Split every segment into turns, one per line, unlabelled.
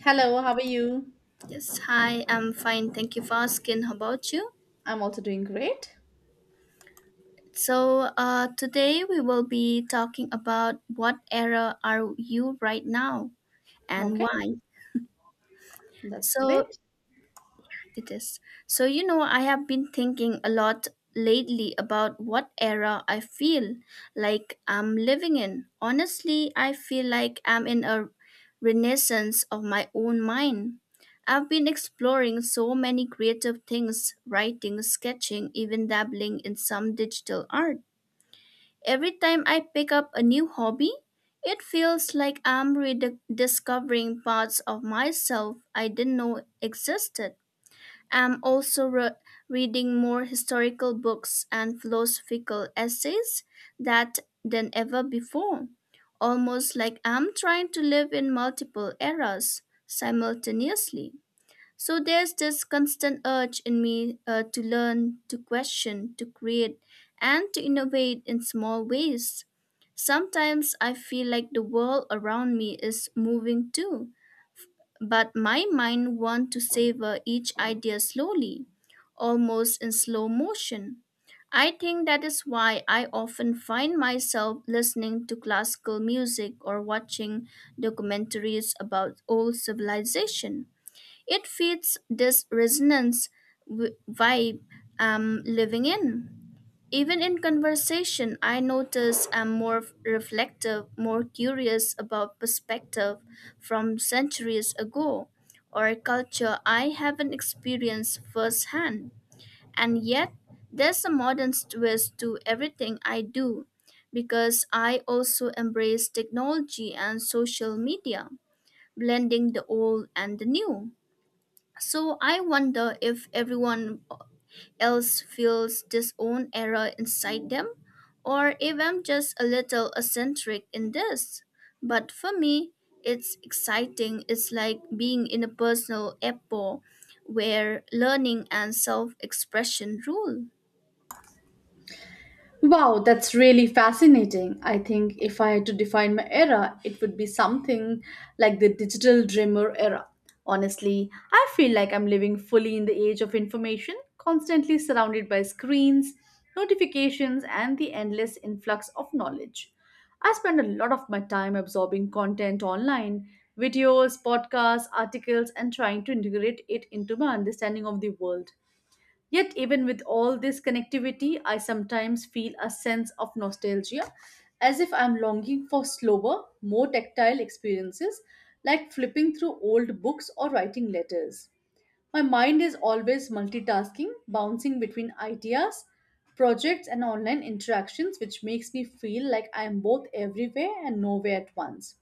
Hello, how are you?
Yes, hi, I'm fine. Thank you for asking. How about you?
I'm also doing great.
Today we will be talking about what era are you right now and
Okay,
why.
that's
So,
great.
it is. So, you know, I have been thinking a lot lately about what era I feel like I'm living in. Honestly, I feel like I'm in a renaissance of my own mind. I've been exploring so many creative things, writing, sketching, even dabbling in some digital art. Every time I pick up a new hobby, it feels like I'm rediscovering parts of myself I didn't know existed. I am also re- reading more historical books and philosophical essays that than ever before, almost like I'm trying to live in multiple eras simultaneously. So there's this constant urge in me to learn, to question, to create, and to innovate in small ways. Sometimes I feel like the world around me is moving too, but my mind wants to savor each idea slowly, almost in slow motion. I think that is why I often find myself listening to classical music or watching documentaries about old civilization. It feeds this vibe I'm living in. Even in conversation, I notice I'm more reflective, more curious about perspective from centuries ago or a culture I haven't experienced firsthand. And yet, there's a modern twist to everything I do because I also embrace technology and social media, blending the old and the new. So I wonder if everyone else feels this own era inside them, or if I'm just a little eccentric in this. But for me, it's exciting. It's like being in a personal epoch where learning and self expression rule.
Wow, that's really fascinating. I think if I had to define my era, it would be something like the digital dreamer era. Honestly, I feel like I'm living fully in the age of information, constantly surrounded by screens, notifications, and the endless influx of knowledge. I spend a lot of my time absorbing content online, videos, podcasts, articles, and trying to integrate it into my understanding of the world. Yet, even with all this connectivity, I sometimes feel a sense of nostalgia, as if I'm longing for slower, more tactile experiences, like flipping through old books or writing letters. My mind is always multitasking, bouncing between ideas, projects, and online interactions, which makes me feel like I am both everywhere and nowhere at once.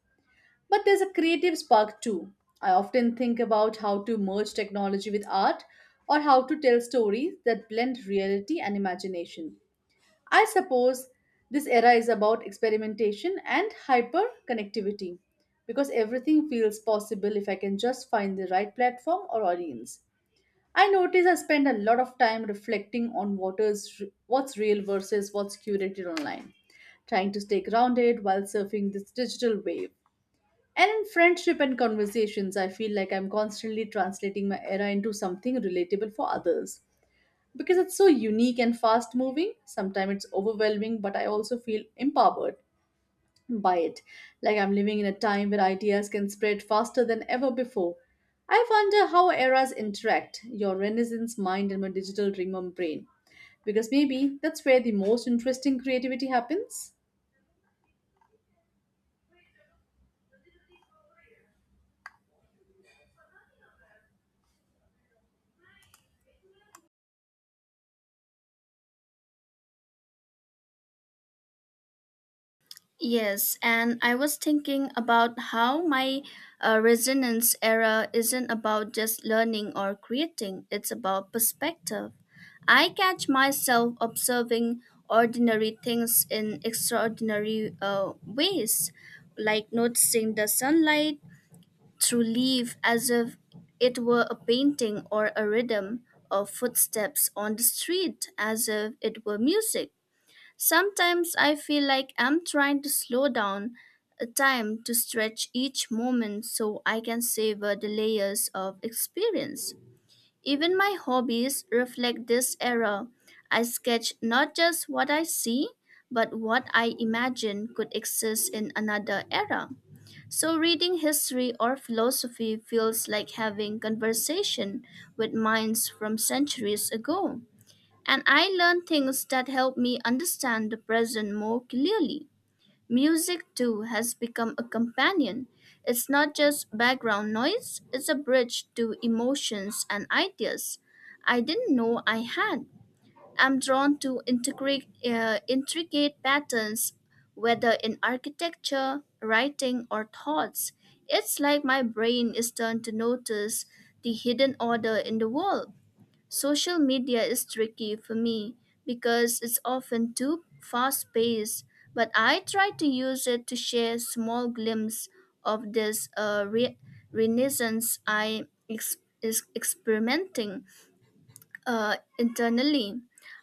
But there's a creative spark too. I often think about how to merge technology with art or how to tell stories that blend reality and imagination. I suppose this era is about experimentation and hyper connectivity because everything feels possible if I can just find the right platform or audience. I notice I spend a lot of time reflecting on what is, what's real versus what's curated online, trying to stay grounded while surfing this digital wave. And in friendship and conversations, I feel like I'm constantly translating my era into something relatable for others. Because it's so unique and fast moving, sometimes it's overwhelming, but I also feel empowered by it. Like I'm living in a time where ideas can spread faster than ever before. I wonder how eras interact your Renaissance mind and my digital dreamer brain. Because maybe that's where the most interesting creativity happens.
Yes, and I was thinking about how my resonance era isn't about just learning or creating, it's about perspective. I catch myself observing ordinary things in extraordinary ways, like noticing the sunlight through leaf as if it were a painting, or a rhythm of footsteps on the street as if it were music. Sometimes I feel like I'm trying to slow down a time to stretch each moment so I can savor the layers of experience. Even my hobbies reflect this era. I sketch not just what I see, but what I imagine could exist in another era. So reading history or philosophy feels like having conversation with minds from centuries ago, and I learn things that help me understand the present more clearly. Music, too, has become a companion. It's not just background noise, it's a bridge to emotions and ideas I didn't know I had. I'm drawn to intricate patterns, whether in architecture, writing, or thoughts. It's like my brain is turned to notice the hidden order in the world. Social media is tricky for me because it's often too fast paced, but I try to use it to share small glimpses of this renaissance I ex- is experimenting. Internally,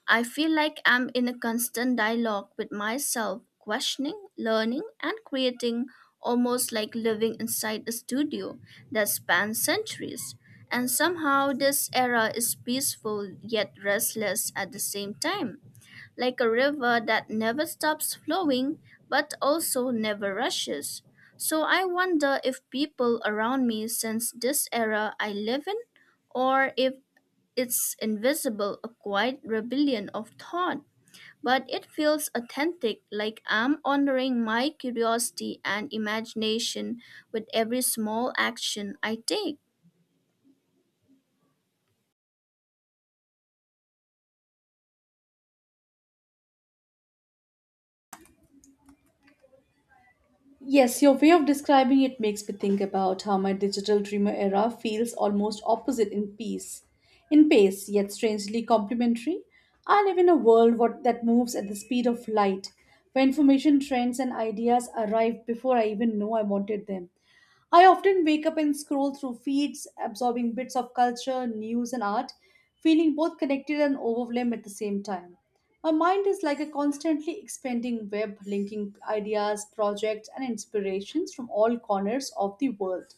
I feel like I'm in a constant dialogue with myself, questioning, learning, and creating, almost like living inside a studio that spans centuries. And somehow, this era is peaceful yet restless at the same time, like a river that never stops flowing but also never rushes. So I wonder if people around me sense this era I live in, or if it's invisible, a quiet rebellion of thought. But it feels authentic, like I'm honoring my curiosity and imagination with every small action I take.
Yes, your way of describing it makes me think about how my digital dreamer era feels almost opposite in peace, in pace, yet strangely complementary. I live in a world what, that moves at the speed of light, where information trends and ideas arrive before I even know I wanted them. I often wake up and scroll through feeds, absorbing bits of culture, news, and art, feeling both connected and overwhelmed at the same time. My mind is like a constantly expanding web, linking ideas, projects, and inspirations from all corners of the world.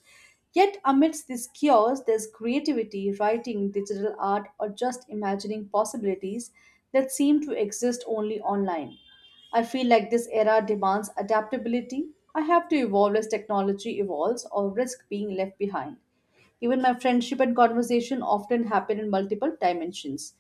Yet, amidst this chaos, there's creativity, writing, digital art, or just imagining possibilities that seem to exist only online. I feel like this era demands adaptability. I have to evolve as technology evolves or risk being left behind. Even my friendship and conversation often happen in multiple dimensions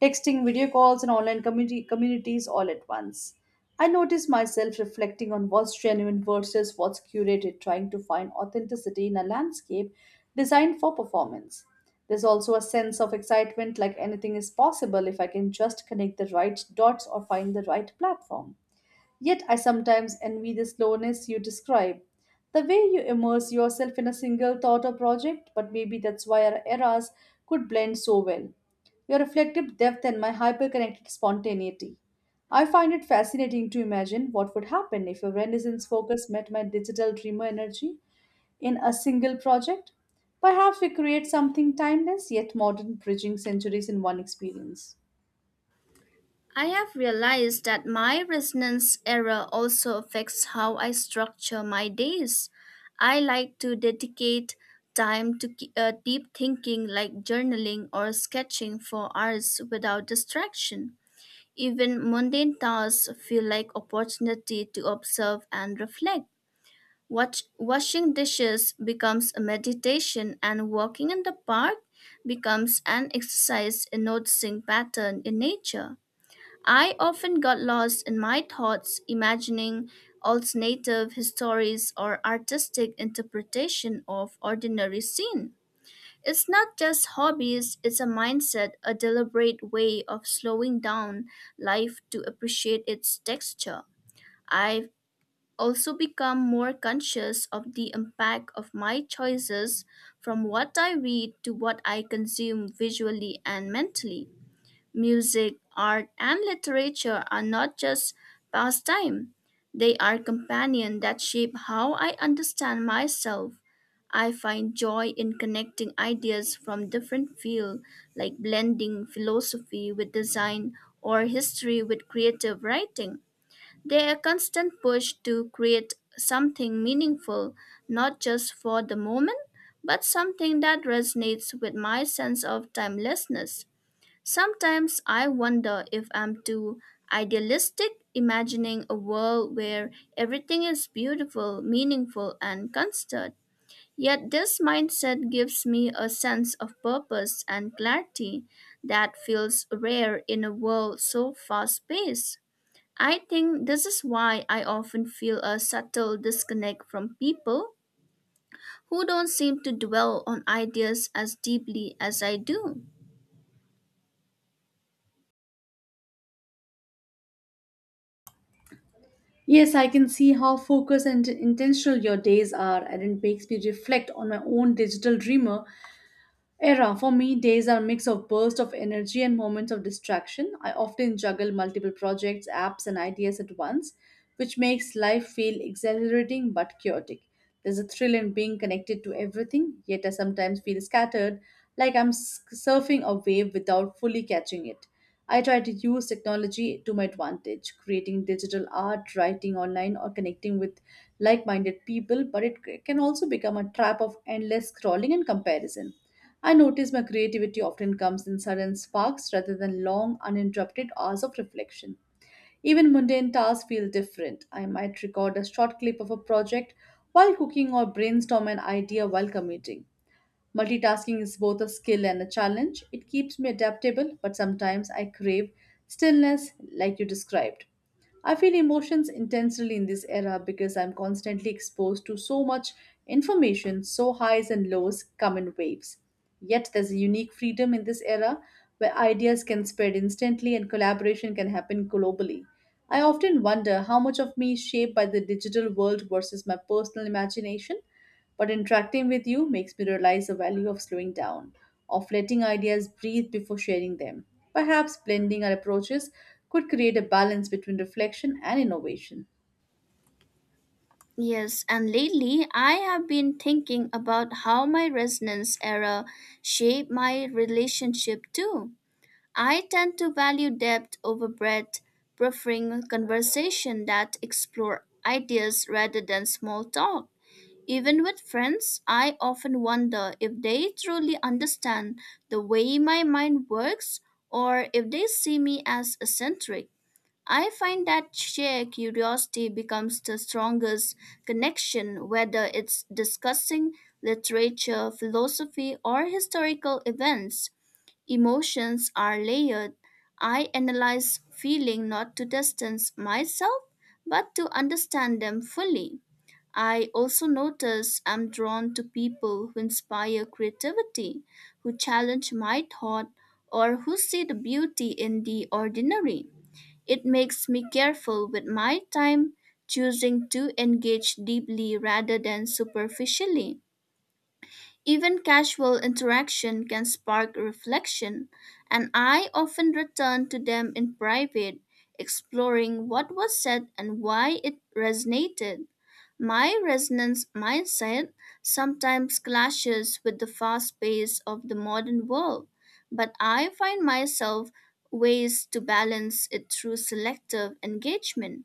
texting, video calls, and online communities all at once. I notice myself reflecting on what's genuine versus what's curated, trying to find authenticity in a landscape designed for performance. There's also a sense of excitement like anything is possible if I can just connect the right dots or find the right platform. Yet I sometimes envy the slowness you describe. The way you immerse yourself in a single thought or project, but maybe that's why our eras could blend so well. Your reflective depth and my hyperconnected spontaneity. I find it fascinating to imagine what would happen if your Renaissance focus met my digital dreamer energy in a single project. Perhaps we create something timeless yet modern, bridging centuries in one experience.
I have realized that my resonance error also affects how I structure my days. I like to dedicate time to deep thinking like journaling or sketching for hours without distraction. Even mundane tasks feel like opportunity to observe and reflect. Watch, washing dishes becomes a meditation, and walking in the park becomes an exercise in noticing pattern in nature. I often got lost in my thoughts, imagining alternative histories or artistic interpretation of ordinary scene. It's not just hobbies, it's a mindset, a deliberate way of slowing down life to appreciate its texture. I've also become more conscious of the impact of my choices, from what I read to what I consume visually and mentally. Music, art, and literature are not just pastime, they are companions that shape how I understand myself. I find joy in connecting ideas from different fields, like blending philosophy with design or history with creative writing. They are constant push to create something meaningful, not just for the moment, but something that resonates with my sense of timelessness. Sometimes I wonder if I'm too idealistic, imagining a world where everything is beautiful, meaningful, and constant. Yet this mindset gives me a sense of purpose and clarity that feels rare in a world so fast paced. I think this is why I often feel a subtle disconnect from people who don't seem to dwell on ideas as deeply as I do.
Yes, I can see how focused and intentional your days are, and it makes me reflect on my own digital dreamer era for me, days are a mix of bursts of energy and moments of distraction. I often juggle multiple projects, apps, and ideas at once, which makes life feel exhilarating but chaotic. There's a thrill in being connected to everything, yet I sometimes feel scattered, like surfing a wave without fully catching it. I try to use technology to my advantage, creating digital art, writing online, or connecting with like minded people, but can also become a trap of endless scrolling and comparison. I notice my creativity often comes in sudden sparks rather than long, uninterrupted hours of reflection. Even mundane tasks feel different. I might record a short clip of a project while cooking or brainstorm an idea while commuting. Multitasking is both a skill and a challenge. It keeps me adaptable, but sometimes I crave stillness, like you described. I feel emotions intensely in this era because I'm constantly exposed to so much information, so highs and lows come in waves. Yet there's a unique freedom in this era where ideas can spread instantly and collaboration can happen globally. I often wonder how much of me is shaped by the digital world versus my personal imagination. But interacting with you makes me realize the value of slowing down, of letting ideas breathe before sharing them. Perhaps blending our approaches could create a balance between reflection and innovation.
Yes, and lately I have been thinking about how my resonance era shaped my relationship too. I tend to value depth over breadth, preferring conversation that explore ideas rather than small talk. Even with friends, I often wonder if they truly understand the way my mind works or if they see me as eccentric. I find that shared curiosity becomes the strongest connection, whether it's discussing literature, philosophy, or historical events. Emotions are layered. I analyze feeling not to distance myself, but to understand them fully. I also notice I'm drawn to people who inspire creativity, who challenge my thought, or who see the beauty in the ordinary. It makes me careful with my time, choosing to engage deeply rather than superficially. Even casual interaction can spark reflection, and I often return to them in private, exploring what was said and why it resonated. My resonance mindset sometimes clashes with the fast pace of the modern world, but I find myself ways to balance it through selective engagement.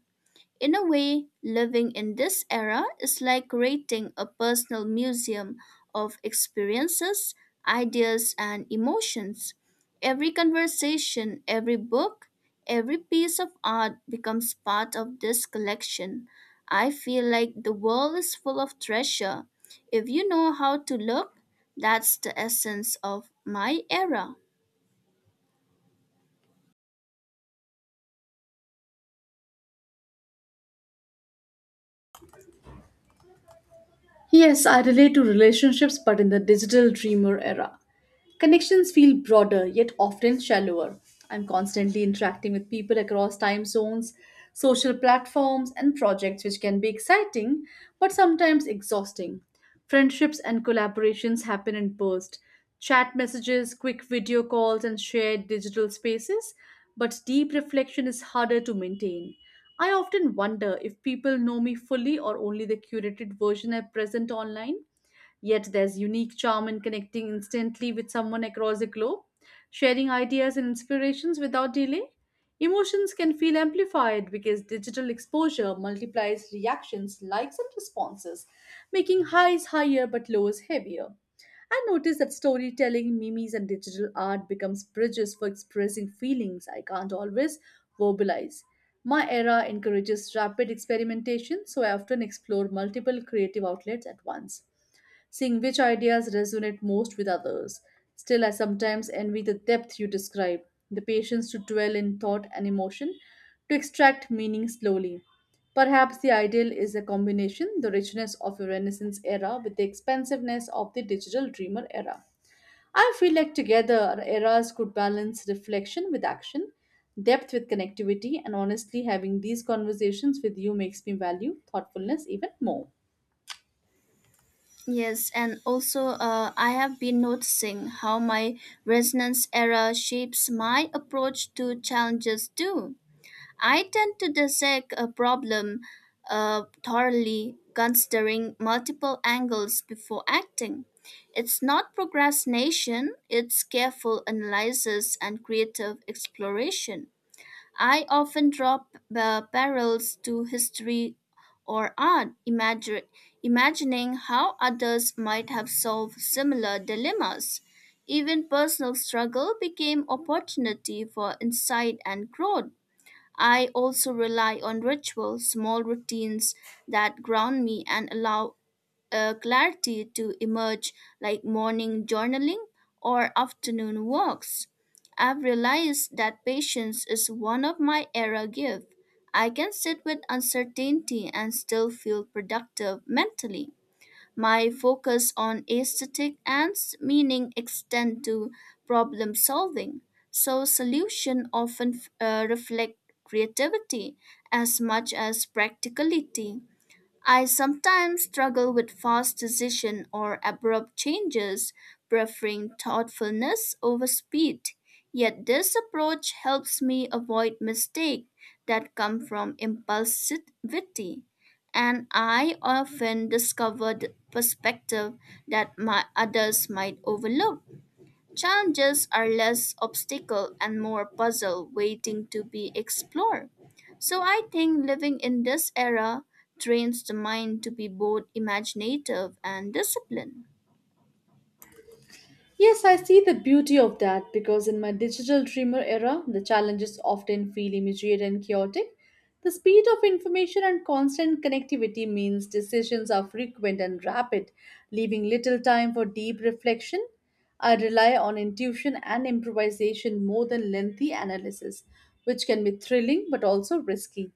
In a way, living in this era is like creating a personal museum of experiences, ideas, and emotions. Every conversation, every book, every piece of art becomes part of this collection. I feel like the world is full of treasure. If you know how to look, that's the essence of my era.
Yes, I relate to relationships, but in the digital dreamer era. Connections feel broader yet often shallower. I'm constantly interacting with people across time zones, social platforms, and projects, which can be exciting but sometimes exhausting. Friendships and collaborations happen in bursts chat messages, quick video calls, and shared digital spaces, but deep reflection is harder to maintain. I often wonder if people know me fully or only the curated version I present online. Yet there's unique charm in connecting instantly with someone across the globe, sharing ideas and inspirations without delay. Emotions can feel amplified because digital exposure multiplies reactions, likes, and responses, making highs higher but lows heavier. I noticed that storytelling, memes, and digital art becomes bridges for expressing feelings I can't always verbalize. My era encourages rapid experimentation, so I often explore multiple creative outlets at once seeing which ideas resonate most with others. Still, I sometimes envy the depth you describe, the patience to dwell in thought and emotion, to extract meaning slowly. Perhaps the ideal is a combination the richness of a Renaissance era with the expansiveness of the digital dreamer era. I feel like together our eras could balance reflection with action, depth with connectivity, and honestly, having these conversations with you makes me value thoughtfulness even more.
Yes, and also, I have been noticing how my resonance error shapes my approach to challenges too. I tend to dissect a problem thoroughly, considering multiple angles before acting. It's not procrastination, it's careful analysis and creative exploration. I often draw parallels to history or art, imagining how others might have solved similar dilemmas. Even personal struggle became opportunity for insight and growth. I also rely on rituals, small routines that ground me and allow clarity to emerge, like morning journaling or afternoon walks. I've realized that patience is one of my era gifts. I can sit with uncertainty and still feel productive mentally. My focus on aesthetic and meaning extend to problem solving. So solution often reflect creativity as much as practicality. I sometimes struggle with fast decision or abrupt changes, preferring thoughtfulness over speed. Yet this approach helps me avoid mistakes that come from impulsivity, and I often discover the perspective that my others might overlook. Challenges are less obstacle and more puzzle waiting to be explored. So I think living in this era trains the mind to be both imaginative and disciplined.
Yes, I see the beauty of that because in my digital dreamer era, the challenges often feel immediate and chaotic. The speed of information and constant connectivity means decisions are frequent and rapid, leaving little time for deep reflection. I rely on intuition and improvisation more than lengthy analysis, which can be thrilling but also risky.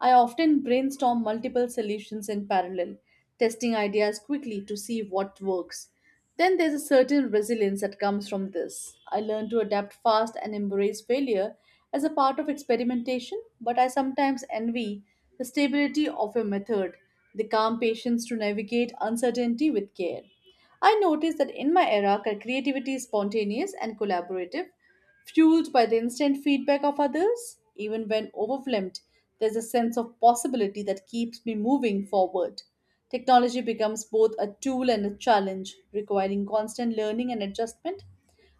I often brainstorm multiple solutions in parallel, testing ideas quickly to see what works. Then there's a certain resilience that comes from this. I learned to adapt fast and embrace failure as a part of experimentation, but I sometimes envy the stability of a method, the calm patience to navigate uncertainty with care. I notice that in my era, creativity is spontaneous and collaborative, fueled by the instant feedback of others. Even when overwhelmed, there's a sense of possibility that keeps me moving forward. Technology becomes both a tool and a challenge, requiring constant learning and adjustment.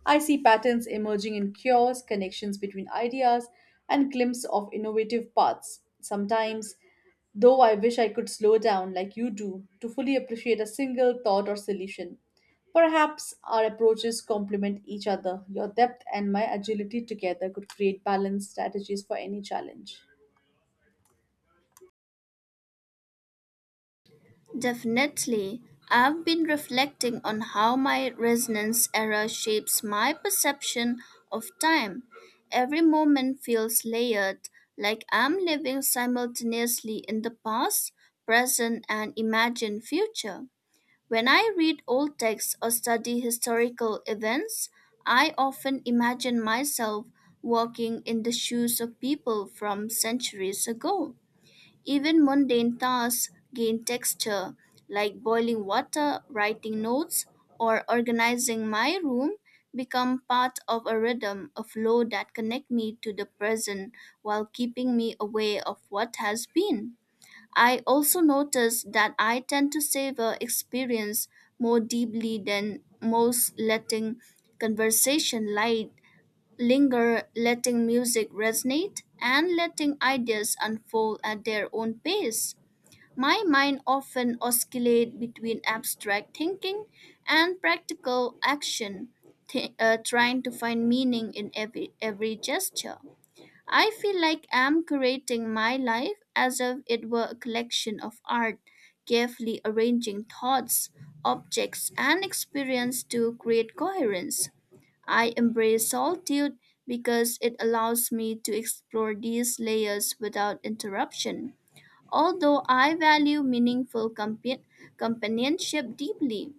I see patterns emerging in cures, connections between ideas, and glimpses of innovative paths. Sometimes, though, I wish I could slow down like you do to fully appreciate a single thought or solution. Perhaps our approaches complement each other. Your depth and my agility together could create balanced strategies for any challenge.
Definitely, I've been reflecting on how my resonance era shapes my perception of time. Every moment feels layered, like I'm living simultaneously in the past, present, and imagined future. When I read old texts or study historical events, I often imagine myself walking in the shoes of people from centuries ago. Even mundane tasks gain texture, like boiling water, writing notes, or organizing my room become part of a rhythm of flow that connect me to the present while keeping me aware of what has been. I also noticed that I tend to savor experience more deeply than most, letting conversation light linger, letting music resonate, and letting ideas unfold at their own pace. My mind often oscillates between abstract thinking and practical action, trying to find meaning in every gesture. I feel like I'm curating my life as if it were a collection of art, carefully arranging thoughts, objects, and experience to create coherence. I embrace solitude because it allows me to explore these layers without interruption. Although I value meaningful companionship deeply,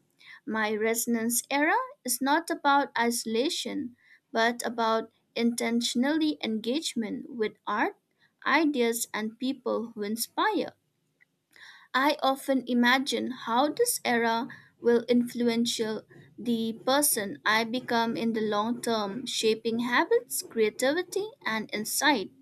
my resonance era is not about isolation, but about intentionally engagement with art, ideas, and people who inspire. I often imagine how this era will influence the person I become in the long term, shaping habits, creativity, and insight.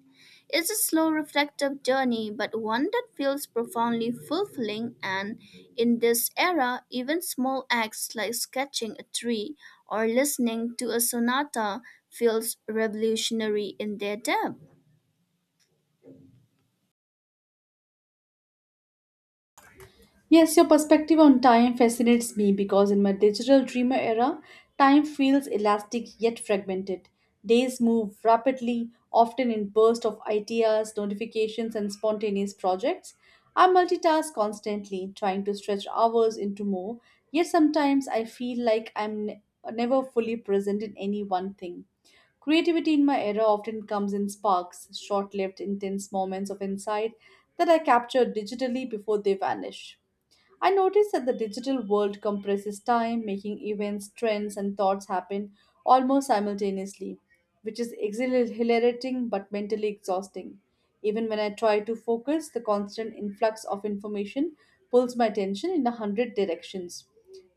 It's a slow, reflective journey, but one that feels profoundly fulfilling. And in this era, even small acts like sketching a tree or listening to a sonata feels revolutionary in their depth.
Yes, your perspective on time fascinates me because in my digital dreamer era, time feels elastic yet fragmented. Days move rapidly, often in bursts of ideas, notifications, and spontaneous projects. I multitask constantly, trying to stretch hours into more, yet sometimes I feel like never fully present in any one thing. Creativity in my era often comes in sparks, short lived, intense moments of insight that I capture digitally before they vanish. I noticed that the digital world compresses time, making events, trends, and thoughts happen almost simultaneously, which is exhilarating but mentally exhausting. Even when I try to focus, the constant influx of information pulls my attention in a hundred directions.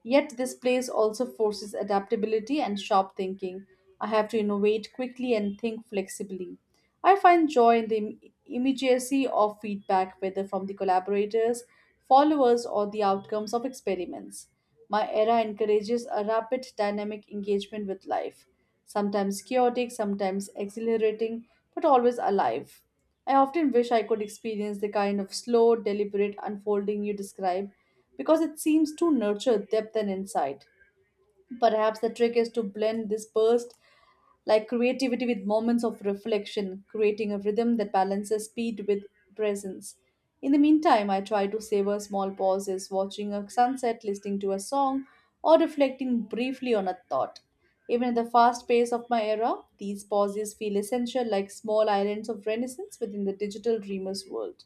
Yet this place also forces adaptability and sharp thinking. I have to innovate quickly and think flexibly. I find joy in the immediacy of feedback, whether from the collaborators, followers, or the outcomes of experiments. My era encourages a rapid, dynamic engagement with life, sometimes chaotic, sometimes exhilarating, but always alive. I often wish I could experience the kind of slow, deliberate unfolding you describe because it seems to nurture depth and insight. Perhaps the trick is to blend this burst like creativity with moments of reflection, creating a rhythm that balances speed with presence. In the meantime, I try to savor small pauses, watching a sunset, listening to a song, or reflecting briefly on a thought. Even at the fast pace of my era, these pauses feel essential like small islands of renaissance within the digital dreamer's world.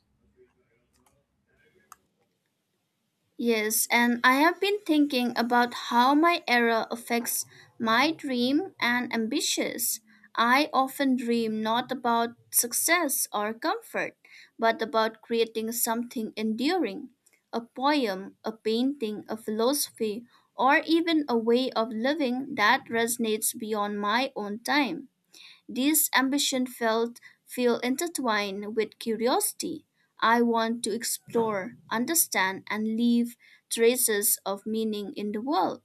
Yes, and I have been thinking about how my error affects my dream and ambitions. I often dream not about success or comfort, but about creating something enduring, a poem, a painting, a philosophy, or even a way of living that resonates beyond my own time. This ambition felt feel intertwined with curiosity. I want to explore, understand, and leave traces of meaning in the world.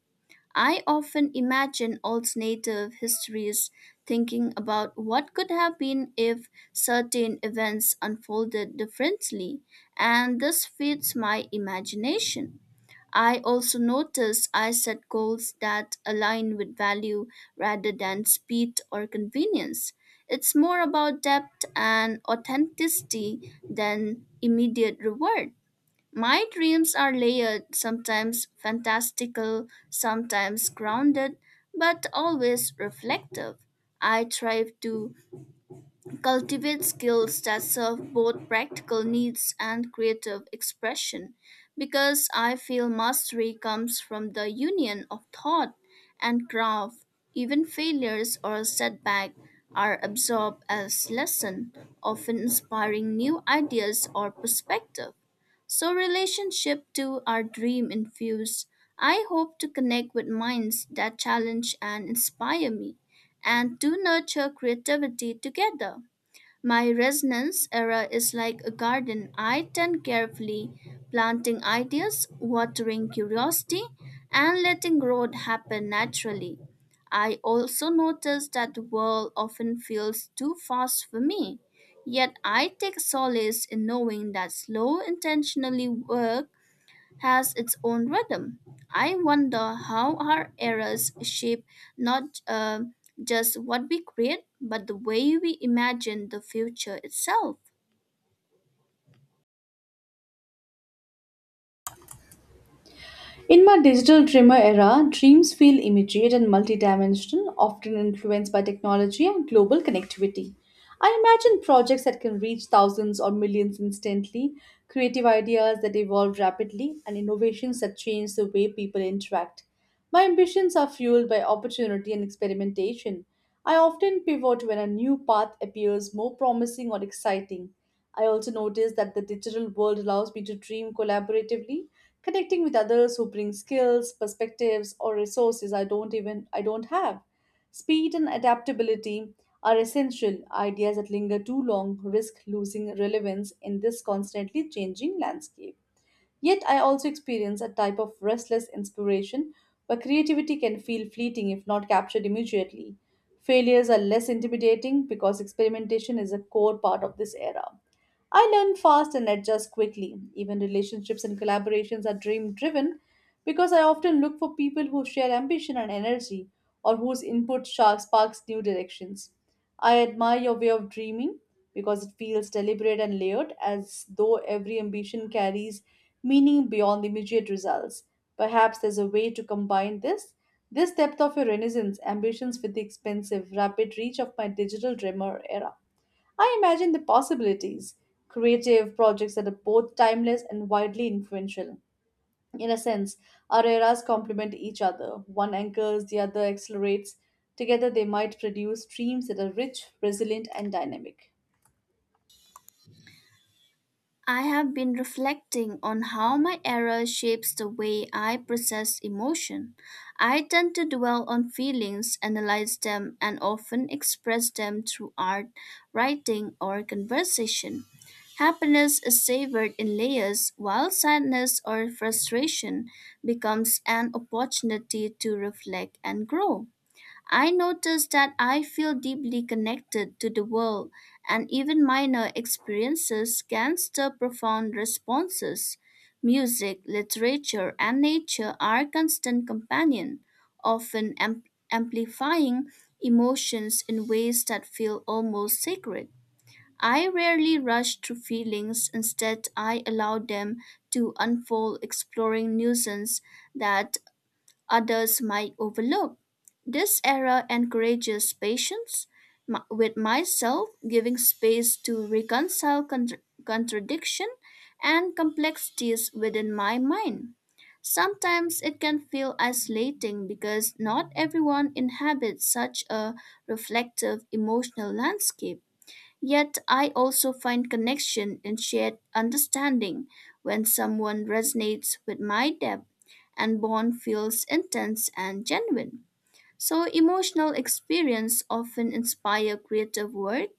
I often imagine alternative histories, thinking about what could have been if certain events unfolded differently, and this feeds my imagination. I also notice I set goals that align with value rather than speed or convenience. It's more about depth and authenticity than immediate reward. My dreams are layered, sometimes fantastical, sometimes grounded, but always reflective. I strive to cultivate skills that serve both practical needs and creative expression because I feel mastery comes from the union of thought and craft. Even failures or setback are absorbed as lesson, often inspiring new ideas or perspective. So relationship to our dream infused. I hope to connect with minds that challenge and inspire me and to nurture creativity together. My resonance era is like a garden I tend carefully, planting ideas, watering curiosity, and letting growth happen naturally. I also notice that the world often feels too fast for me, yet I take solace in knowing that slow, intentionally work has its own rhythm. I wonder how our eras shape not just what we create, but the way we imagine the future itself.
In my digital dreamer era, dreams feel immediate and multidimensional, often influenced by technology and global connectivity. I imagine projects that can reach thousands or millions instantly, creative ideas that evolve rapidly, and innovations that change the way people interact. My ambitions are fueled by opportunity and experimentation. I often pivot when a new path appears more promising or exciting. I also notice that the digital world allows me to dream collaboratively connecting with others who bring skills, perspectives, or resources I don't have. Speed and adaptability are essential. Ideas that linger too long risk losing relevance in this constantly changing landscape. Yet, I also experience a type of restless inspiration where creativity can feel fleeting if not captured immediately. Failures are less intimidating because experimentation is a core part of this era. I learn fast and adjust quickly. Even relationships and collaborations are dream driven because I often look for people who share ambition and energy or whose sparks new directions. I admire your way of dreaming because it feels deliberate and layered, as though every ambition carries meaning beyond the immediate results. Perhaps there's a way to combine this. This depth of your renaissance ambitions with the expensive, rapid reach of my digital dreamer era. I imagine the possibilities, creative projects that are both timeless and widely influential in a sense, our eras complement each other. One anchors, the other accelerates. Together, they might produce streams that are rich, resilient, and dynamic.
I have been reflecting on how my error shapes the way I process emotion. I tend to dwell on feelings, analyze them, and often express them through art, writing, or conversation. Happiness is savored in layers, while sadness or frustration becomes an opportunity to reflect and grow. I notice that I feel deeply connected to the world, and even minor experiences can stir profound responses. Music, literature, and nature are constant companions, often amplifying emotions in ways that feel almost sacred. I rarely rush through feelings, instead, I allow them to unfold, exploring nuisance that others might overlook. This era encourages patience with myself, giving space to reconcile contradiction and complexities within my mind. Sometimes it can feel isolating because not everyone inhabits such a reflective emotional landscape. Yet I also find connection in shared understanding when someone resonates with my depth and bond feels intense and genuine. So emotional experience often inspire creative work,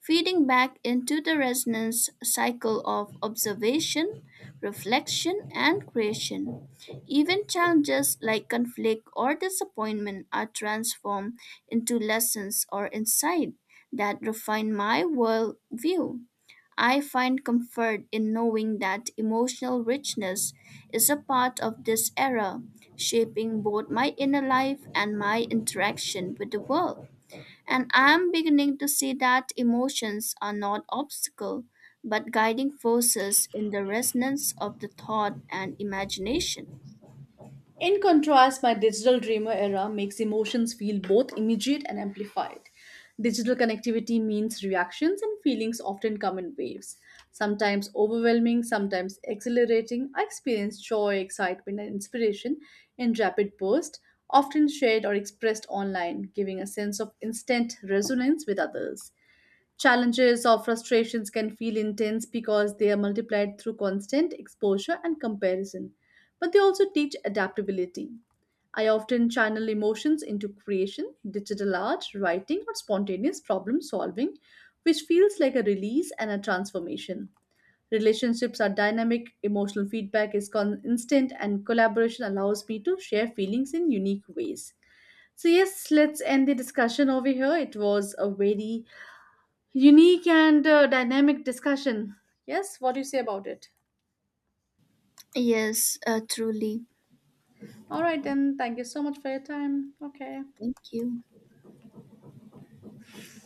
feeding back into the resonance cycle of observation, reflection, and creation. Even challenges like conflict or disappointment are transformed into lessons or insight that refine my worldview. I find comfort in knowing that emotional richness is a part of this era, shaping both my inner life and my interaction with the world. And I am beginning to see that emotions are not obstacles, but guiding forces in the resonance of the thought and imagination.
In contrast, my digital dreamer era makes emotions feel both immediate and amplified. Digital connectivity means reactions and feelings often come in waves, sometimes overwhelming, sometimes exhilarating. I experience joy, excitement, and inspiration in rapid bursts, often shared or expressed online, giving a sense of instant resonance with others. Challenges or frustrations can feel intense because they are multiplied through constant exposure and comparison, but they also teach adaptability. I often channel emotions into creation, digital art, writing, or spontaneous problem solving, which feels like a release and a transformation. Relationships are dynamic, emotional feedback is instant, and collaboration allows me to share feelings in unique ways. So, yes, let's end the discussion over here. It was a very unique and dynamic discussion. Yes, what do you say about it?
Yes, truly.
All right, then, thank you so much for your time. Okay.
Thank you.